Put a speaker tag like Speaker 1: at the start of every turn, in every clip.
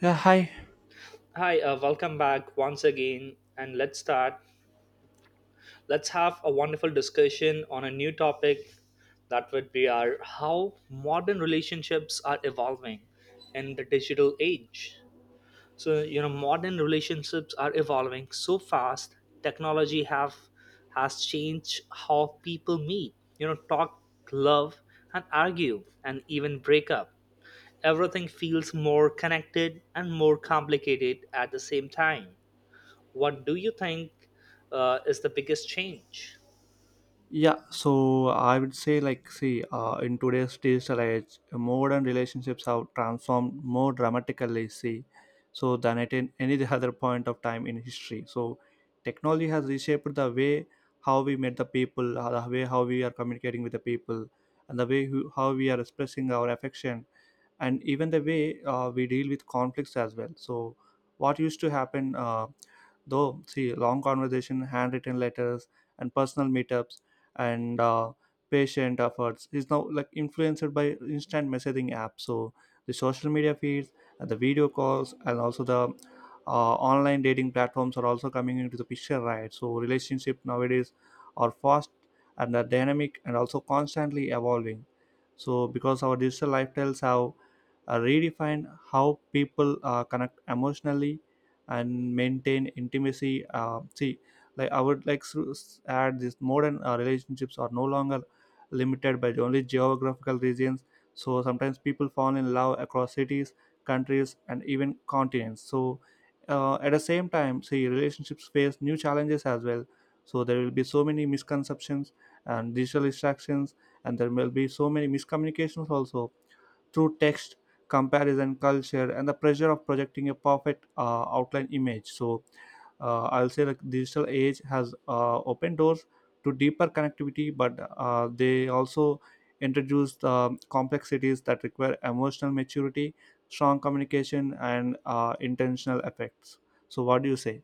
Speaker 1: Yeah, hi.
Speaker 2: Hi, welcome back once again, and let's start. Let's have a wonderful discussion on a new topic that would be our how modern relationships are evolving in the digital age. So, you know, modern relationships are evolving so fast. Technology have has changed how people meet, you know, talk, love, and argue, and even break up. Everything feels more connected and more complicated at the same time. What do you think is the biggest change?
Speaker 1: Yeah, so I would say, in today's digital age, modern relationships have transformed more dramatically, see, so than at any other point of time in history. So, technology has reshaped the way how we meet the people, the way how we are communicating with the people, and the way how we are expressing our affection, and even the way we deal with conflicts as well. So, what used to happen though see long conversation, handwritten letters and personal meetups and patient efforts is now like influenced by instant messaging apps, so the social media feeds and the video calls and also the online dating platforms are also coming into the picture, right? So relationship nowadays are fast and are dynamic and also constantly evolving, so because our digital lifestyles have redefined how people connect emotionally and maintain intimacy. Uh, see like I would like to add this: modern relationships are no longer limited by only geographical regions, so sometimes people fall in love across cities, countries and even continents. So at the same time, see relationships face new challenges as well. So there will be so many misconceptions and digital distractions, and there will be so many miscommunications also through text, comparison culture and the pressure of projecting a perfect outline image. So I'll say the digital age has opened doors to deeper connectivity, but they also introduced complexities that require emotional maturity, strong communication and intentional effects. So what do you say?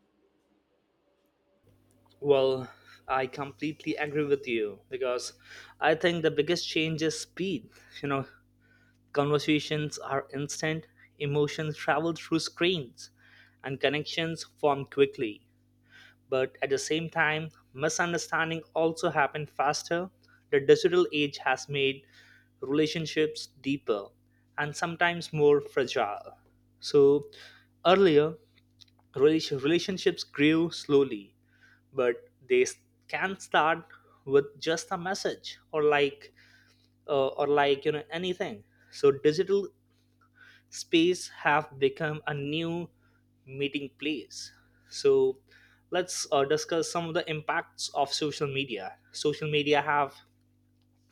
Speaker 2: Well, I completely agree with you because I think the biggest change is speed. You know, conversations are instant, emotions travel through screens, and connections form quickly. But at the same time, misunderstanding also happen faster. The digital age has made relationships deeper and sometimes more fragile. So earlier, relationships grew slowly, but they s- can start with just a message or like you know anything. So digital space have become a new meeting place. So let's discuss some of the impacts of social media. Social media have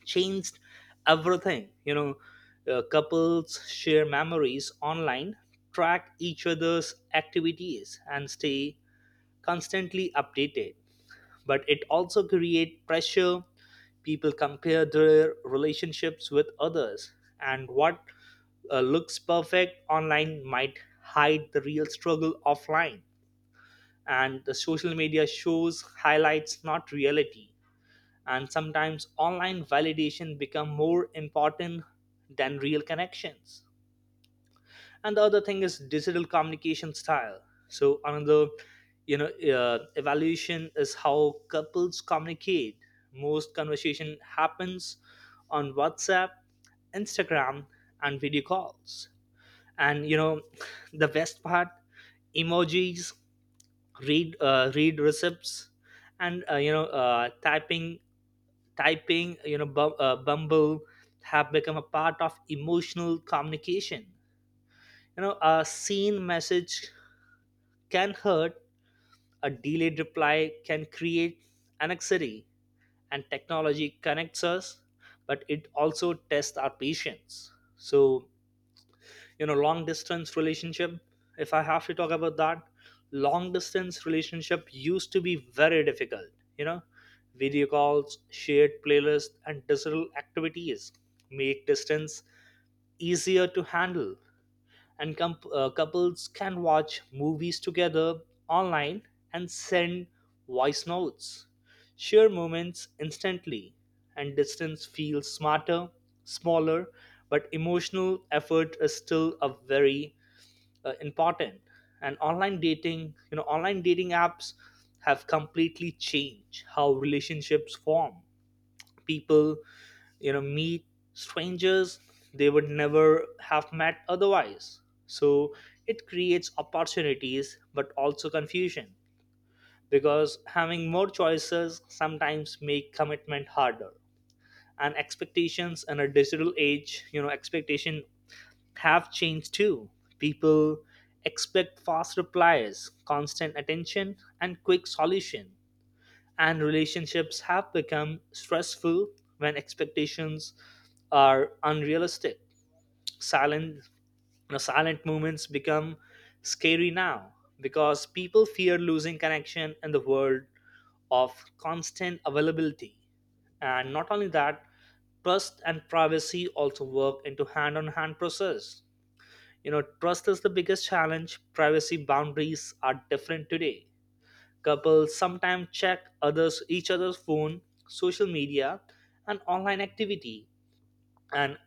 Speaker 2: changed everything. You know, couples share memories online, track each other's activities, and stay constantly updated, but it also creates pressure. People compare their relationships with others, and what looks perfect online might hide the real struggle offline, and the social media shows highlights, not reality, and sometimes online validation become more important than real connections. And the other thing is digital communication style. So another, you know, evaluation is how couples communicate. Most conversation happens on WhatsApp, Instagram, and video calls. And you know, the best part: emojis, read receipts, and you know, typing, typing, you know, bumble have become a part of emotional communication. You know, a seen message can hurt. A delayed reply can create anxiety, and technology connects us, but it also tests our patience. So, you know, long distance relationship, if I have to talk about that, long distance relationship used to be very difficult, you know. Video calls, shared playlists, and digital activities make distance easier to handle, and couples can watch movies together online and send voice notes, share moments instantly, and distance feels smarter, smaller, but emotional effort is still a very important. And online dating, you know, online dating apps have completely changed how relationships form. People, you know, meet strangers they would never have met otherwise. So it creates opportunities but also confusion, because having more choices sometimes make commitment harder. And expectations in a digital age, you know, expectation have changed too. People expect fast replies, constant attention, and quick solution, and relationships have become stressful when expectations are unrealistic. Silent, you know, silent moments become scary now because people fear losing connection in the world of constant availability. And not only that, trust and privacy also work into hand-on-hand process. You know, trust is the biggest challenge. Privacy boundaries are different today. Couples sometimes check others each other's phone, social media, and online activity, and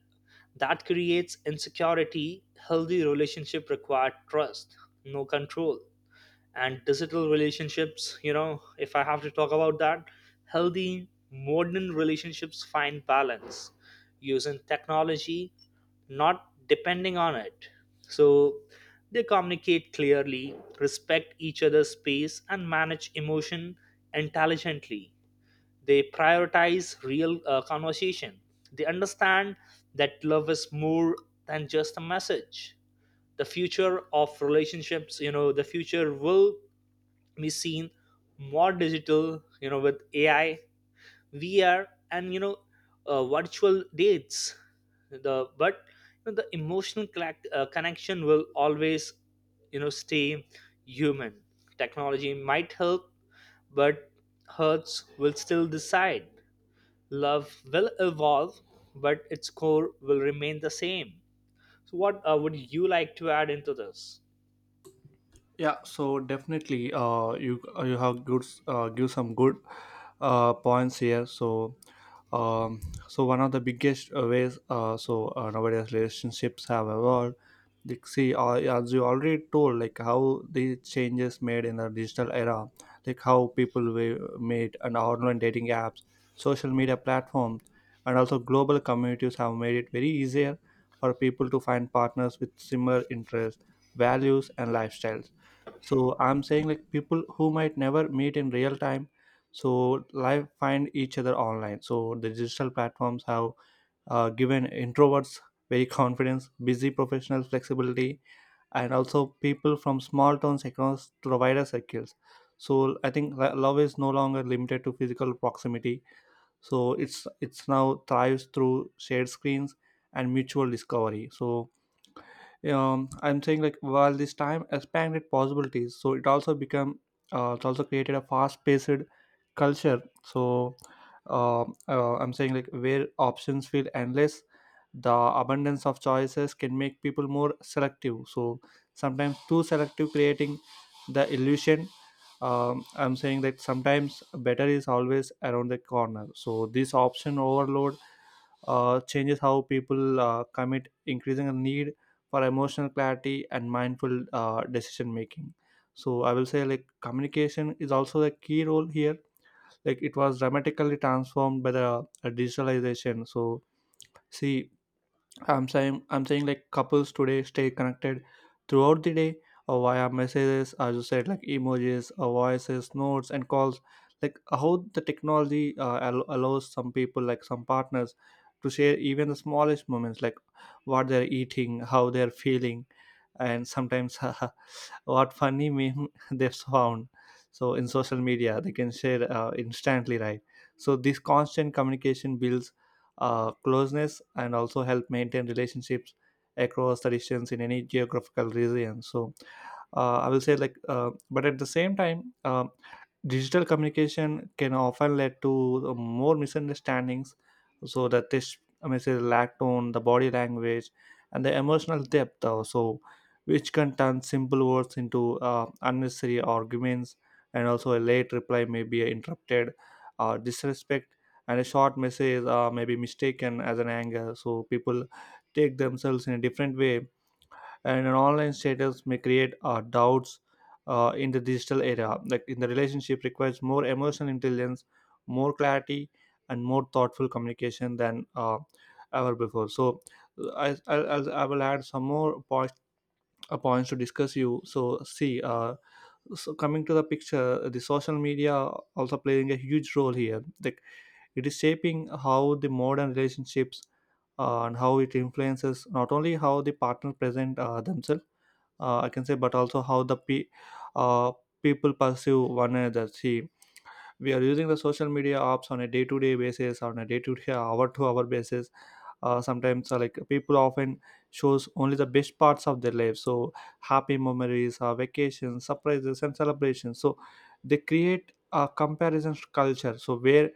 Speaker 2: that creates insecurity. Healthy relationship require trust, no control. And digital relationships, you know, if I have to talk about that, healthy modern relationships find balance using technology, not depending on it. So they communicate clearly, respect each other's space, and manage emotion intelligently. They prioritize real conversation. They understand that love is more than just a message. The future of relationships, you know, the future will machine more digital, you know, with AI, VR, and you know, virtual dates. The but you know, the emotional connection will always, you know, stay human. Technology might help, but hearts will still decide. Love will evolve, but its core will remain the same. So what would you like to add into this?
Speaker 1: Yeah, so definitely, you have good give some good points here. Um, so one of the biggest ways nowadays relationships have evolved. As you already told, like how the changes made in the digital era, like how people were made, and online dating apps, social media platforms, and also global communities have made it very easier for people to find partners with similar interests, values, and lifestyles. So I'm saying like people who might never meet in real time, so live, find each other online. So the digital platforms have given introverts very confidence, busy professional flexibility, and also people from small towns across to the wider circles. So I think love is no longer limited to physical proximity. So it's now thrives through shared screens and mutual discovery. So I'm saying like while this time expanded possibilities, so it also become, it also created a fast-paced culture. So I'm saying like where options feel endless, the abundance of choices can make people more selective, so sometimes too selective, creating the illusion. I'm saying that sometimes better is always around the corner. So this option overload changes how people commit, increasing a need for emotional clarity and mindful decision making. So I will say like communication is also a key role here, like it was dramatically transformed by the digitalization. So see I'm saying like couples today stay connected throughout the day or via messages, as you said, like emojis, or voices, notes, and calls. Like how the technology allows some people, like some partners, to share even the smallest moments, like what they're eating, how they're feeling, and sometimes what funny meme they've found. So in social media, they can share instantly, right? So this constant communication builds closeness and also help maintain relationships across the distance in any geographical region. So I will say like but at the same time, digital communication can often lead to more misunderstandings. So the text message lack tone, the body language and the emotional depth also, which can turn simple words into unnecessary arguments. And also a late reply may be interrupted or disrespect, and a short message may be mistaken as an anger, so people take themselves in a different way, and an online status may create doubts in the digital era. Like in the relationship, requires more emotional intelligence, more clarity, and more thoughtful communication than ever before. So, I will add some more points to discuss you. So, coming to the picture, the social media also playing a huge role here. Like it is shaping how the modern relationships and how it influences not only how the partner present themselves, I can say, but also how uh, people perceive one another. See, we are using the social media apps on a day-to-day basis, on a day-to-day, hour-to-hour basis. Sometimes, like people often shows only the best parts of their life, so happy memories, vacations, surprises, and celebrations. So they create a comparison culture, so where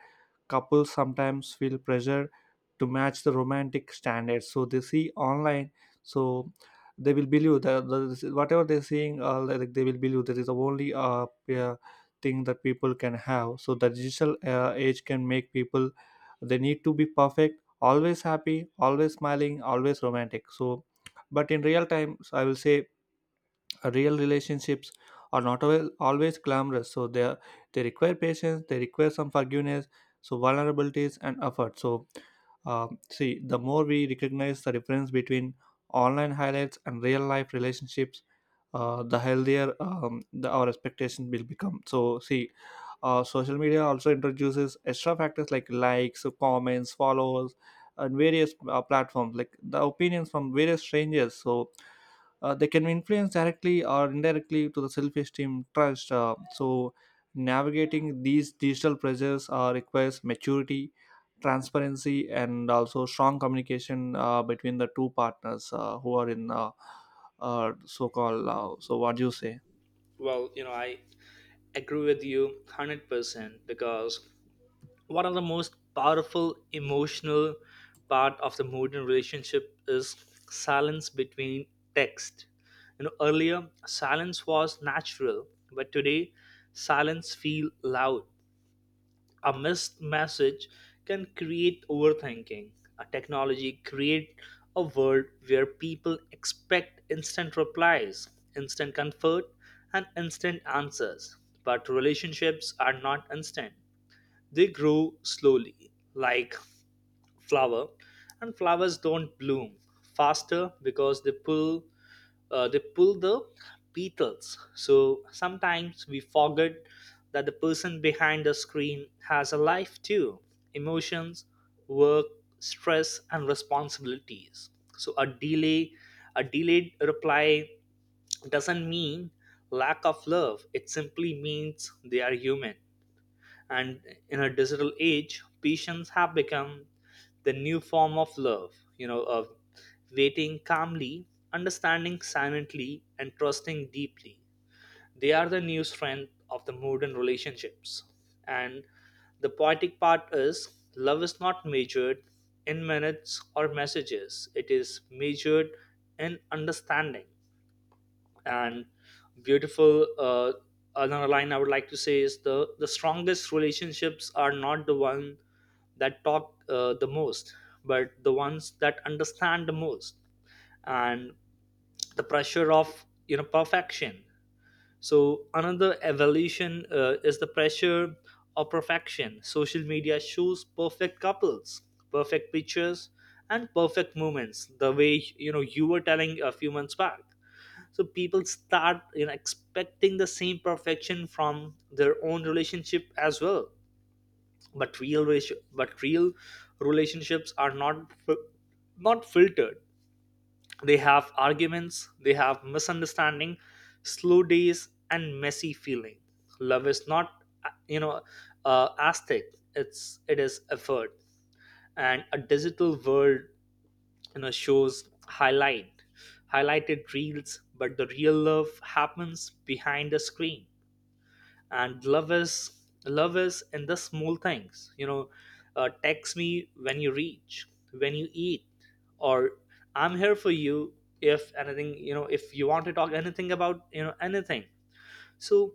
Speaker 1: couples sometimes feel pressure to match the romantic standards so they see online. So they will believe that whatever they're seeing, they will believe that is the only yeah, thing that people can have. So the digital age can make people they need to be perfect, always happy, always smiling, always romantic. So but in real times I will say real relationships are not always glamorous, so they require patience, they require some forgiveness, so vulnerabilities and effort. So see the more we recognize the difference between online highlights and real life relationships, the healthier our expectation will become. So see social media also introduces extra factors like likes, comments, followers and various platforms, like the opinions from various strangers. So they can influence directly or indirectly to the self-esteem, trust. Navigating these digital pressures requires maturity, transparency and also strong communication between the two partners who are in, so-called. So what do you say?
Speaker 2: Well, you know, I agree with you 100% because one of the most powerful emotional part of the modern relationship is silence between text. You know, earlier silence was natural, but today silence feel loud. A missed message can create overthinking. A technology create a world where people expect instant replies, instant comfort, and instant answers. But relationships are not instant. They grow slowly, like flower, and flowers don't bloom faster because they pull they pull the petals. So sometimes we forget that the person behind the screen has a life too: emotions, work, stress, and responsibilities. So a delayed reply doesn't mean lack of love, it simply means they are human. And in a digital age patience have become the new form of love, you know, of waiting calmly, understanding silently, and trusting deeply. They are the new strength of the modern relationships. And the poetic part is love is not measured in minutes or messages, it is measured in understanding. And beautiful, another line I would like to say is the strongest relationships are not the one that talk the most, but the ones that understand the most. And the pressure of, you know, perfection. So another evolution is the pressure of perfection. Social media shows perfect couples, perfect pictures, and perfect moments, the way, you know, you were telling a few months back. So people start, you know, expecting the same perfection from their own relationship as well. But real relationships are not filtered. They have arguments, they have misunderstanding, slow days, and messy feeling. Love is not, you know, aesthetic, it is effort. And a digital world, you know, shows highlight highlighted reels, but the real love happens behind the screen. And love is in the small things, you know, text me when you reach, when you eat, or I'm here for you if anything, you know, if you want to talk anything about, you know, anything. So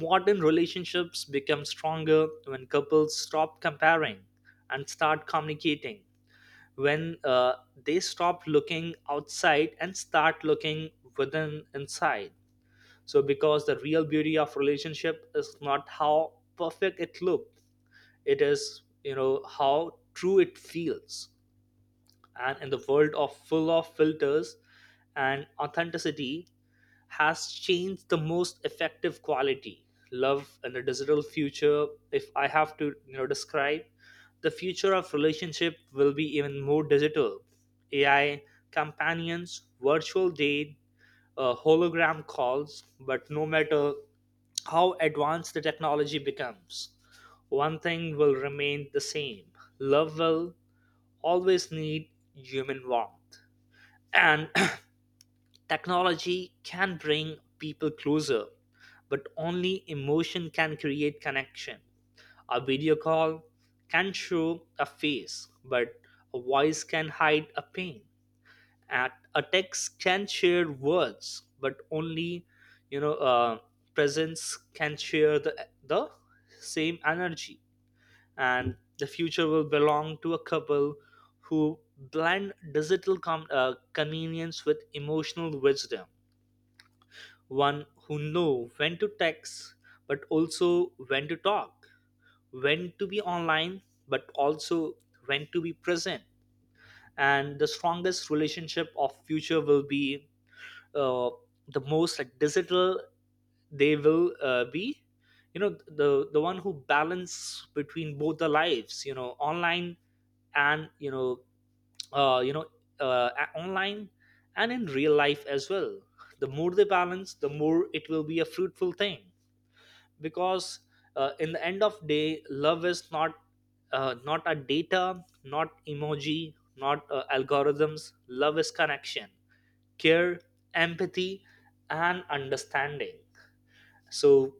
Speaker 2: modern relationships become stronger when couples stop comparing and start communicating. When they stop looking outside and start looking within inside. So because the real beauty of relationship is not how perfect it looks, it is, you know, how true it feels. And in the world of full of filters and authenticity has changed the most effective quality love. And the digital future, if I have to, you know, describe, the future of relationship will be even more digital. AI companions, virtual date, hologram calls. But no matter how advanced the technology becomes, one thing will remain the same: love will always need human warmth. And technology can bring people closer, but only emotion can create connection. A video call can show a face, but a voice can hide a pain. At a text can share words, but only, you know, presence can share the same energy. And the future will belong to a couple who blend digital convenience with emotional wisdom, one who know when to text, but also when to talk, when to be online, but also when to be present. And the strongest relationship of future will be uh, the most like digital. They will be, you know, the one who balance between both the lives, you know, online and you know, you know, online and in real life as well. The more they balance, the more it will be a fruitful thing. Because in the end of day, love is not, not a data, not emoji, not algorithms. Love is connection, care, empathy, and understanding. So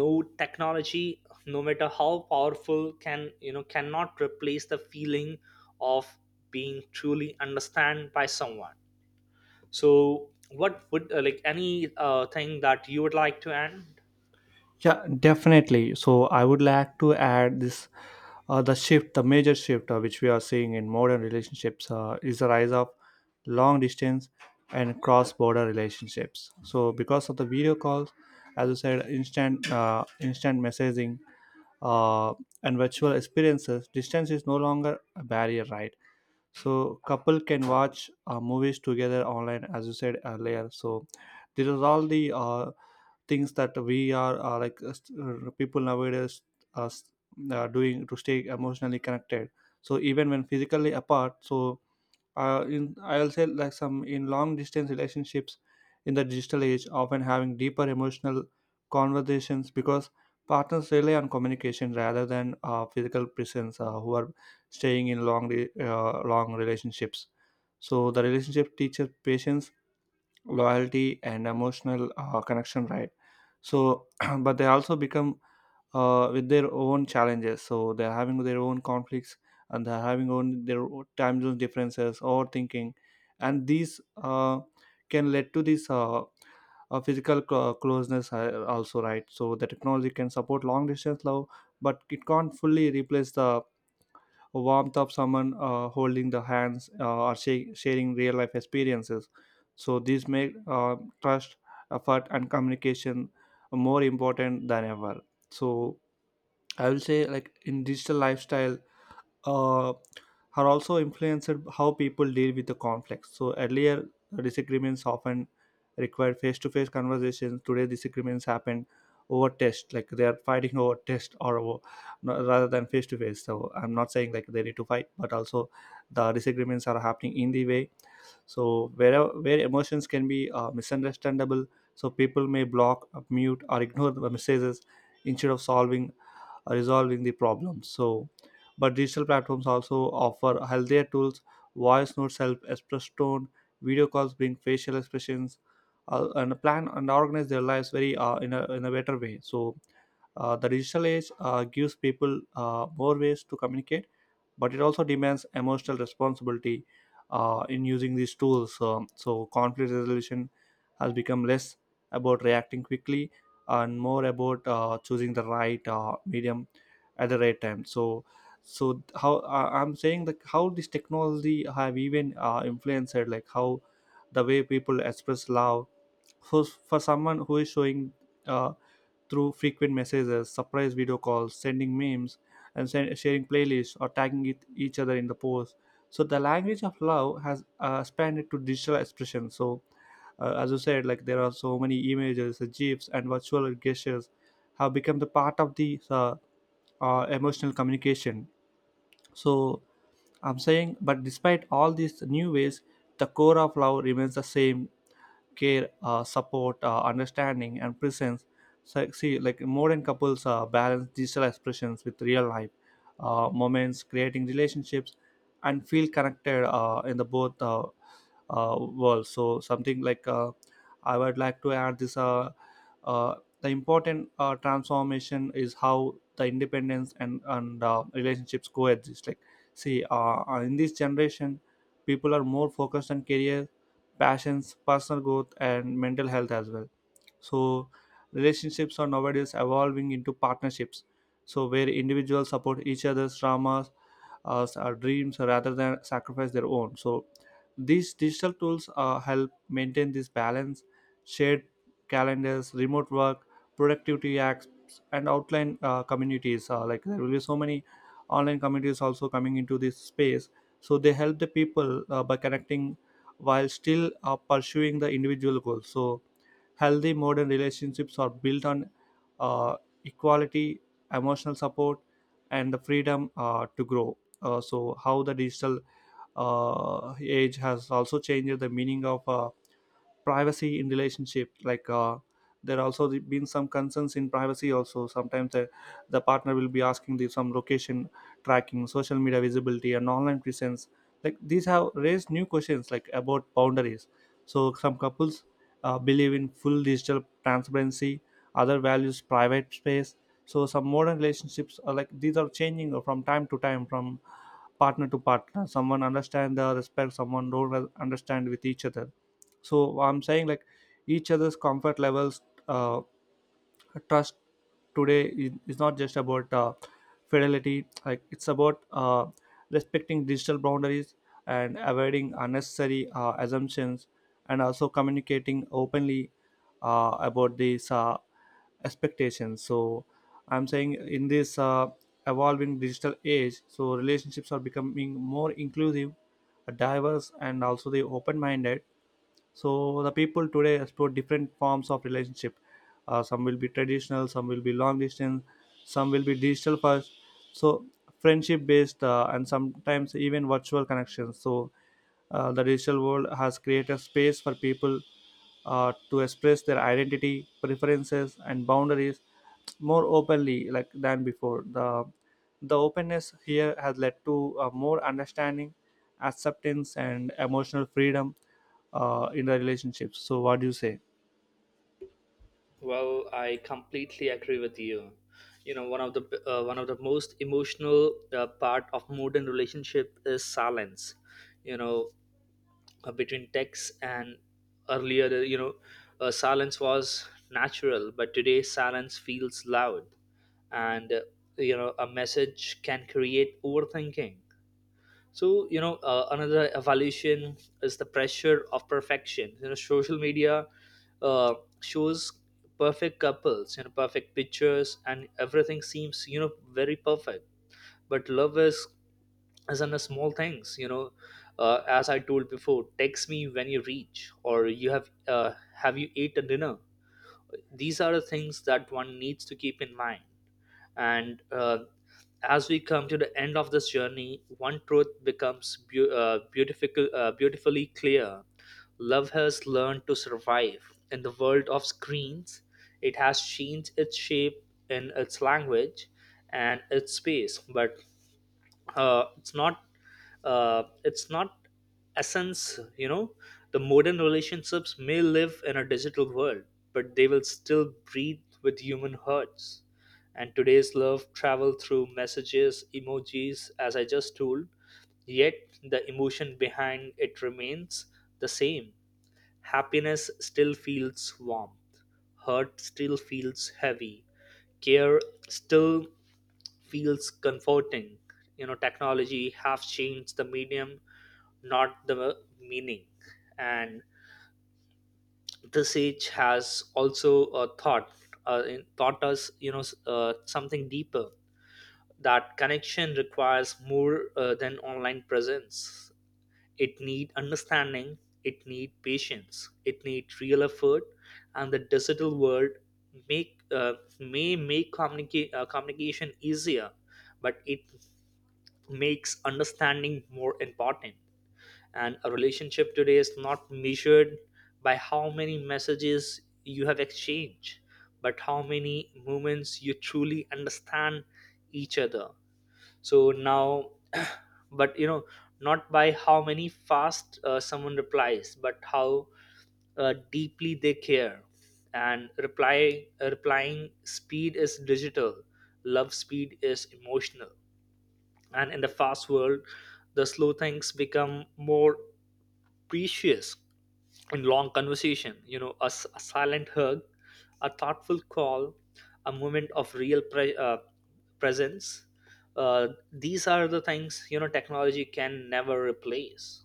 Speaker 2: no technology, no matter how powerful, can, you know, cannot replace the feeling of being truly understood by someone. So what would like any thing that you would like to add?
Speaker 1: Yeah, definitely. So I would like to add this: the major shift which we are seeing in modern relationships is the rise of long distance and cross border relationships. So because of the video calls, as you said, instant instant messaging uh, and virtual experiences, distance is no longer a barrier, right? So couple can watch movies together online, as you said earlier. So this is all the things that we are people nowadays are doing to stay emotionally connected, so even when physically apart. So in I'll say like some, in long distance relationships in the digital age, often having deeper emotional conversations because partners rely on communication rather than physical presence, who are staying in long relationships. So the relationship teaches patience, loyalty and emotional connection, right? So but they also become with their own challenges, so they're having their own conflicts and they're having own their own time zone differences or thinking, and these can lead to this physical closeness also, right? So the technology can support long distance love, but it can't fully replace the warmth of someone holding the hands or sharing real life experiences. So these make trust, effort, and communication more important than ever. So I will say, like in digital lifestyle, uh, are also influenced how people deal with the conflicts. So earlier disagreements often required face-to-face conversations. Today disagreements happen over text, like they are fighting over text or over, rather than face-to-face. So I'm not saying like they need to fight, but also the disagreements are happening in the way. So where emotions can be misunderstandable, so people may block, mute, or ignore the messages instead of solving resolving the problem. So but digital platforms also offer healthier tools: voice notes help express tone, video calls bring facial expressions, and plan and organize their lives very in a better way. So the digital age gives people more ways to communicate, but it also demands emotional responsibility in using these tools. So conflict resolution has become less about reacting quickly and more about choosing the right medium at the right time. So, so how I'm saying that how this technology have even influenced like how the way people express love for someone who is showing uh, through frequent messages, surprise video calls, sending memes, and sharing playlists or tagging it, each other in the post. So the language of love has expanded to digital expression. So as you said, like there are so many images, gifs, and virtual gestures have become the part of the emotional communication. So I'm saying, but despite all these new ways, the core of love remains the same care, support, understanding, and presence. So, see, like modern couples balance digital expressions with real life moments, creating relationships, and feel connected in the both worlds. So, something like I would like to add this. Uh, the important transformation is how the independence and relationships coexist. Like, see, in this generation, people are more focused on career passions, personal growth, and mental health as well. So, relationships are nowadays evolving into partnerships. So, where individuals support each other's dramas, our dreams, rather than sacrifice their own. So, these digital tools help maintain this balance. Shared calendars, remote work, productivity apps, and outline communities. Like there will be so many online communities also coming into this space. So they help the people by connecting while still pursuing the individual goals. So, healthy modern relationships are built on uh, equality, emotional support, and the freedom to grow. So, how the digital age has also changed the meaning of privacy in relationship like there also been some concerns in privacy also sometimes the partner will be asking the some location tracking, social media visibility, and online presence, like these have raised new questions like about boundaries. So some couples believe in full digital transparency, other values private space. So some modern relationships are like these are changing from time to time, from partner to partner. Someone understand the respect, someone don't understand with each other. So I'm saying like each other's comfort levels, uh, trust today is not just about fidelity, like it's about respecting digital boundaries and avoiding unnecessary assumptions, and also communicating openly about these expectations. So I'm saying in this evolving digital age, so relationships are becoming more inclusive, diverse, and also the open minded. So the people today explore different forms of relationship. Some will be traditional, some will be long distance, some will be digital first, so friendship based, and sometimes even virtual connections. So the digital world has created space for people to express their identity preferences and boundaries more openly like than before. The openness here has led to more understanding, acceptance, and emotional freedom in the relationships. So, what do you say?
Speaker 2: Well, I completely agree with you. You know, one of the most emotional part of modern relationship is silence. You know, between texts. And earlier, you know, silence was natural, but today silence feels loud. And you know, a message can create overthinking. So you know, another evolution is the pressure of perfection. You know, social media, uh, shows perfect couples, you know, perfect pictures, and everything seems, you know, very perfect. But love is as in the small things, you know, as I told before, text me when you reach, or you have you eaten dinner? These are the things that one needs to keep in mind. And as we come to the end of this journey, one truth becomes beautifully clear: love has learned to survive in the world of screens. It has changed its shape, in its language and its space, but uh, it's not it's not essence, you know. The modern relationships may live in a digital world, but they will still breathe with human hearts. And today's love travel through messages, emojis, as I just told, yet the emotion behind it remains the same. Happiness still feels warm, hurt still feels heavy, care still feels comforting. You know, technology have changed the medium, not the meaning. And this age has also taught us, you know, something deeper. That connection requires more than online presence. It need understanding. It need patience. It need real effort. And the digital world make may make communication easier, but it makes understanding more important. And a relationship today is not measured by how many messages you have exchanged, but how many moments you truly understand each other. So now, but you know, not by how many fast someone replies, but how deeply they care. And replying speed is digital, love speed is emotional. And in the fast world, the slow things become more precious. In long conversation, you know, a silent hug, a thoughtful call, a moment of real presence, these are the things, you know, technology can never replace.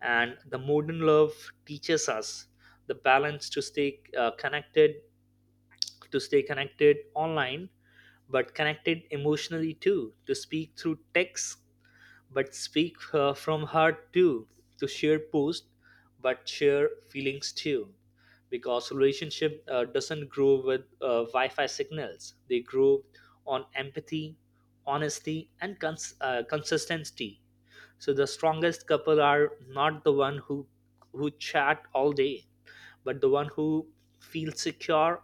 Speaker 2: And the modern love teaches us the balance, to stay connected online, but connected emotionally too, to speak through text, but speak, from heart too, to share posts, but share feelings too. Because relationship doesn't grow with wi-fi signals, they grow on empathy, honesty, and consistency. So the strongest couple are not the one who chat all day, but the one who feels secure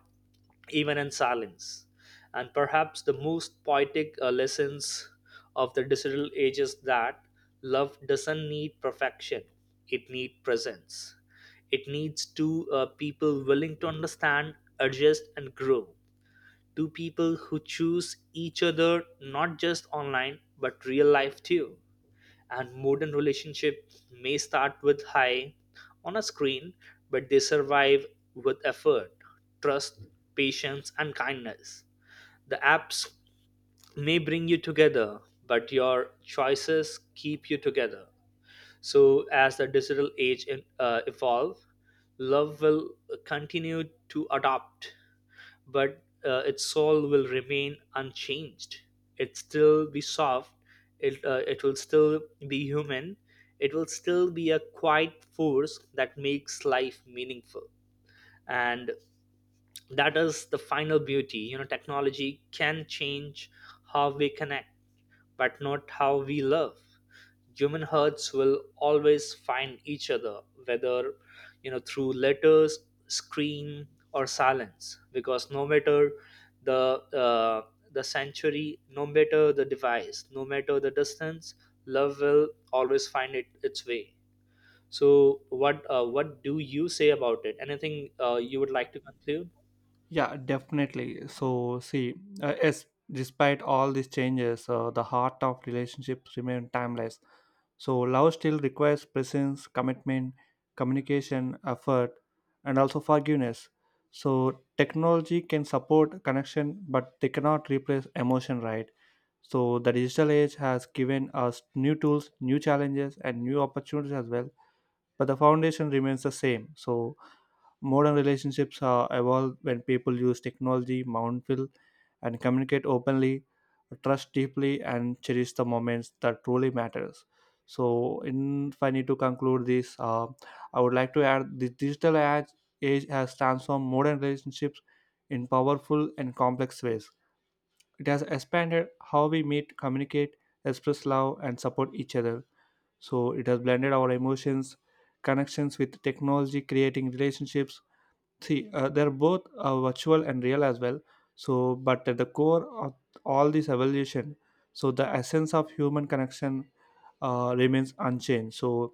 Speaker 2: even in silence. And perhaps the most poetic lessons of the digital age is that love doesn't need perfection, it needs presence. It needs two people willing to understand, adjust, and grow. Two people who choose each other, not just online but real life too. And modern relationships may start with hi on a screen, but they survive with effort, trust, patience, and kindness. The apps may bring you together, but your choices keep you together. So, as the digital age evolve, love will continue to adopt, but its soul will remain unchanged. It still be soft. It will still be human. It will still be a quiet force that makes life meaningful. And that is the final beauty. You know, technology can change how we connect, but not how we love. Human hearts will always find each other, whether, you know, through letters, screen, or silence. Because no matter the uh, the century, no matter the device, no matter the distance, love will always find it its way. So what do you say about it? Anything you would like to conclude?
Speaker 1: Yeah, definitely. So, see, yes, despite all these changes, the heart of relationships remain timeless. So love still requires presence, commitment, communication, effort, and also forgiveness. So technology can support connection, but they cannot replace emotion, right? So the digital age has given us new tools, new challenges, and new opportunities as well. But the foundation remains the same. So modern relationships are evolved when people use technology, mindful, and communicate openly, trust deeply, and cherish the moments that truly matters. So, in, if I need to conclude this, I would like to add the digital age has transformed modern relationships in powerful and complex ways. It has expanded how we meet, communicate, express love, and support each other. So, it has blended our emotions, connections with technology, creating relationships, see they're both virtual and real as well. So but at the core of all this evolution, so the essence of human connection remains unchanged. So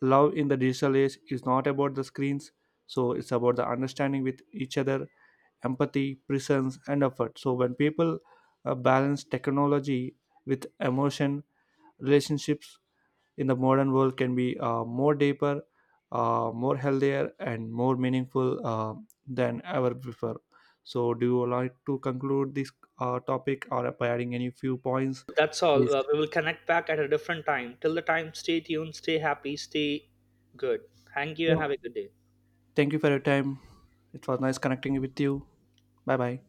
Speaker 1: love in the digital age is not about the screens, so it's about the understanding with each other, empathy, presence, and effort. So when people balance technology with emotion, relationships in the modern world can be more deeper, more healthier, and more meaningful than ever before. So, do you like to conclude this topic or by adding any few points?
Speaker 2: That's all,
Speaker 1: Please.
Speaker 2: we will connect back at a different time. Till the time, stay tuned, stay happy, stay good. Thank you
Speaker 1: Yeah.
Speaker 2: and have a good day.
Speaker 1: Thank you for your time. It was nice connecting with you. Bye bye.